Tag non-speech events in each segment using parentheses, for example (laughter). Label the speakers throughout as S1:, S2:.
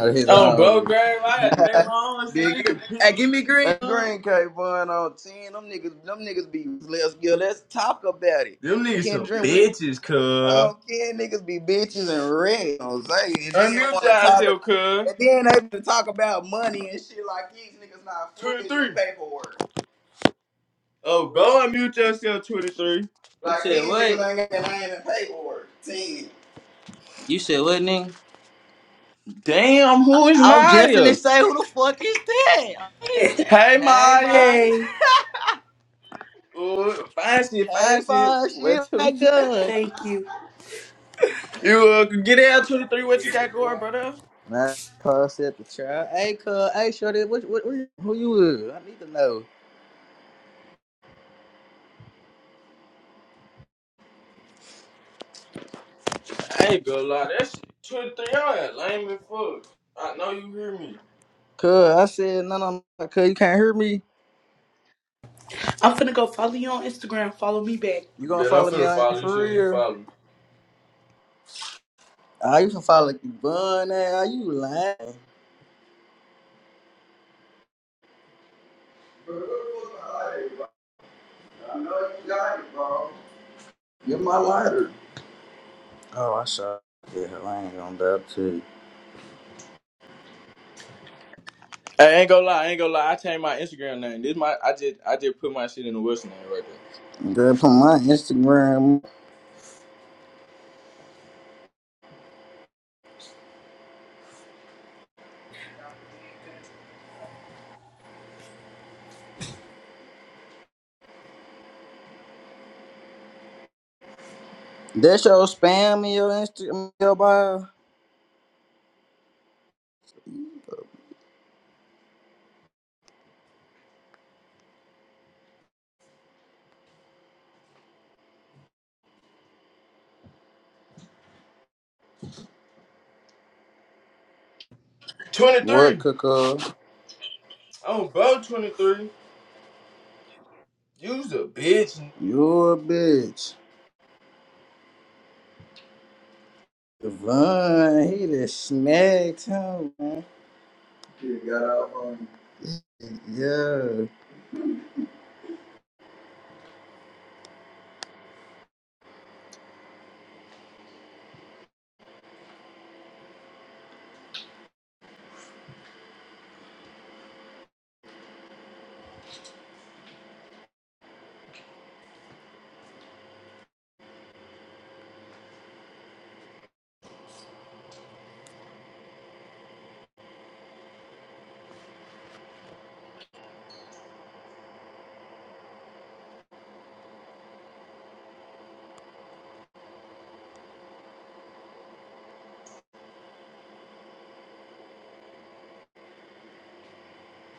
S1: He's
S2: Oh, bro,
S1: already.
S2: Grave, I had to make my own shit.
S1: Big.
S2: Nigga,
S1: Hey,
S2: pick
S1: give me green. That green cake bun on ten. Them niggas, them niggas be let's yeah, let's talk about it.
S2: Them niggas some
S1: Kendrick, we
S2: bitches, cuz.
S1: oh kid niggas be bitches and red on say and then
S2: Unmute
S1: wanna talk ab-
S2: yourself, cuz.
S1: and then able to talk about money and shit like these niggas not foolish in
S2: 23.
S1: paperwork.
S2: Oh,
S1: What up?
S2: bro, unmute yourself, 23.
S1: Like You Like said these what? niggas ain't got their in paperwork. Ten. You said what, nigga?
S2: Damn, who is
S1: I was just finna
S2: Maya?
S1: say who the fuck is that?
S2: Hey,
S1: Hey,
S2: Maya.
S1: buddy.
S3: Hey,
S2: Oh, fine shit,
S1: Hey
S2: fine shit.
S1: fine
S2: What,
S1: shit
S2: two,
S1: my
S2: three? (laughs)
S1: gun.
S3: thank you.
S2: You, uh, get out, 23. What you got going, brother?
S1: Man, cuz said the child. Hey, cuz, hey, shorty, what, what, what, who you is? I need to know.
S2: I ain't gonna lie, that shit. 23, y'all had lame as fuck. I know you hear me.
S1: Cuz, I said, no, no, no, cuz, you can't hear me.
S3: I'm finna go follow you on Instagram. Follow me back.
S1: You gonna
S2: Bet I'm
S1: follow me
S2: finna
S1: on
S2: follow you
S1: for
S2: shit as you
S1: real?
S2: follow me.
S1: Ah, you can follow you, bun, ah, you lying. Get my lighter. Oh, I saw. Yeah, I ain't gonna doubt to
S2: I ain't gonna lie, I ain't gonna lie. I changed my Instagram name. This my I just I just put my shit in the Wilson name right there.
S1: you. Girl, put my Instagram. That your spam in your Instagram your bio.
S2: Twenty
S1: What,
S2: three.
S1: cuz?
S2: Oh bro twenty three. You's a bitch.
S1: You a bitch. Devon, he just smacked him, man. He got out on him. Yeah.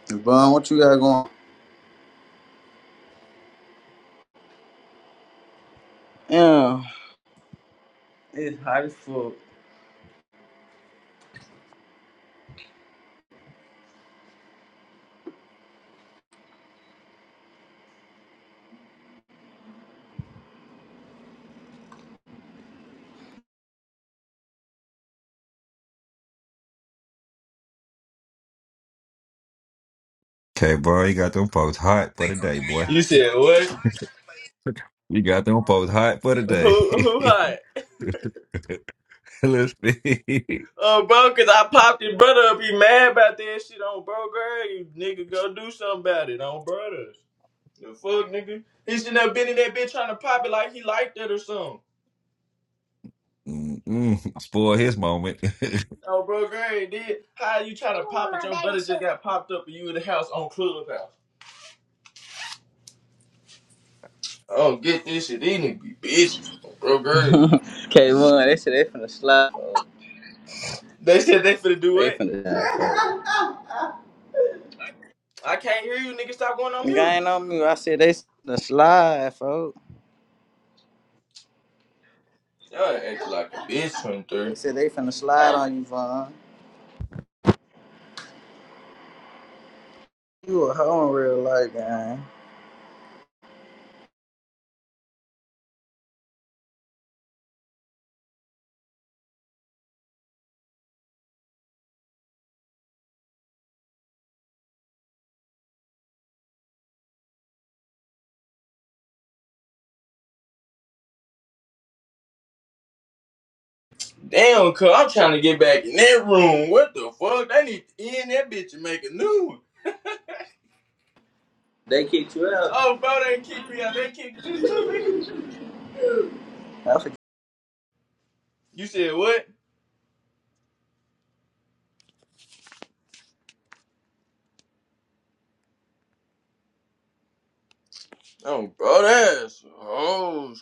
S1: Devon, what you got going? Yeah.
S4: Okay, bro, you got them folks hot for the day, boy.
S2: You said what?
S4: (laughs) You got them folks hot for the
S2: Who
S4: day.
S2: who
S4: (laughs)
S2: hot?
S4: Listen, (laughs)
S2: Oh bro, cause I popped his brother up. He mad about that shit on bro girl. You nigga go do something about it on brothers. The fuck nigga? He shouldn't have been in that bitch trying to pop it like he liked it or something.
S4: Mm-mm. spoil his moment.
S2: Oh bro girl, he did how you trying to pop it? Your brother
S4: (laughs)
S2: just got popped up and you in the house on Clubhouse. I don't get this shit. These niggas be bitches. Bro, girl.
S1: K1, (laughs) they said they finna slide, folks.
S2: They said they finna do
S1: They
S2: it.
S1: finna (laughs) slide,
S2: I can't hear you, nigga. Stop going on
S1: folks. I
S2: mute.
S1: ain't on me. I said they finna slide, folks.
S2: Y'all acting like a bitch,
S1: They
S2: 23.
S1: said they finna slide on you, Vaughn. You a hoe in real life, man.
S2: Damn, cuz I'm trying to get back in that room. What the fuck? They need to end that bitch and make a new one.
S1: They kicked you out.
S2: Oh, bro, they kicked me out. They kicked you too, nigga.
S1: I
S2: You said what? Oh, bro, that's. Oh,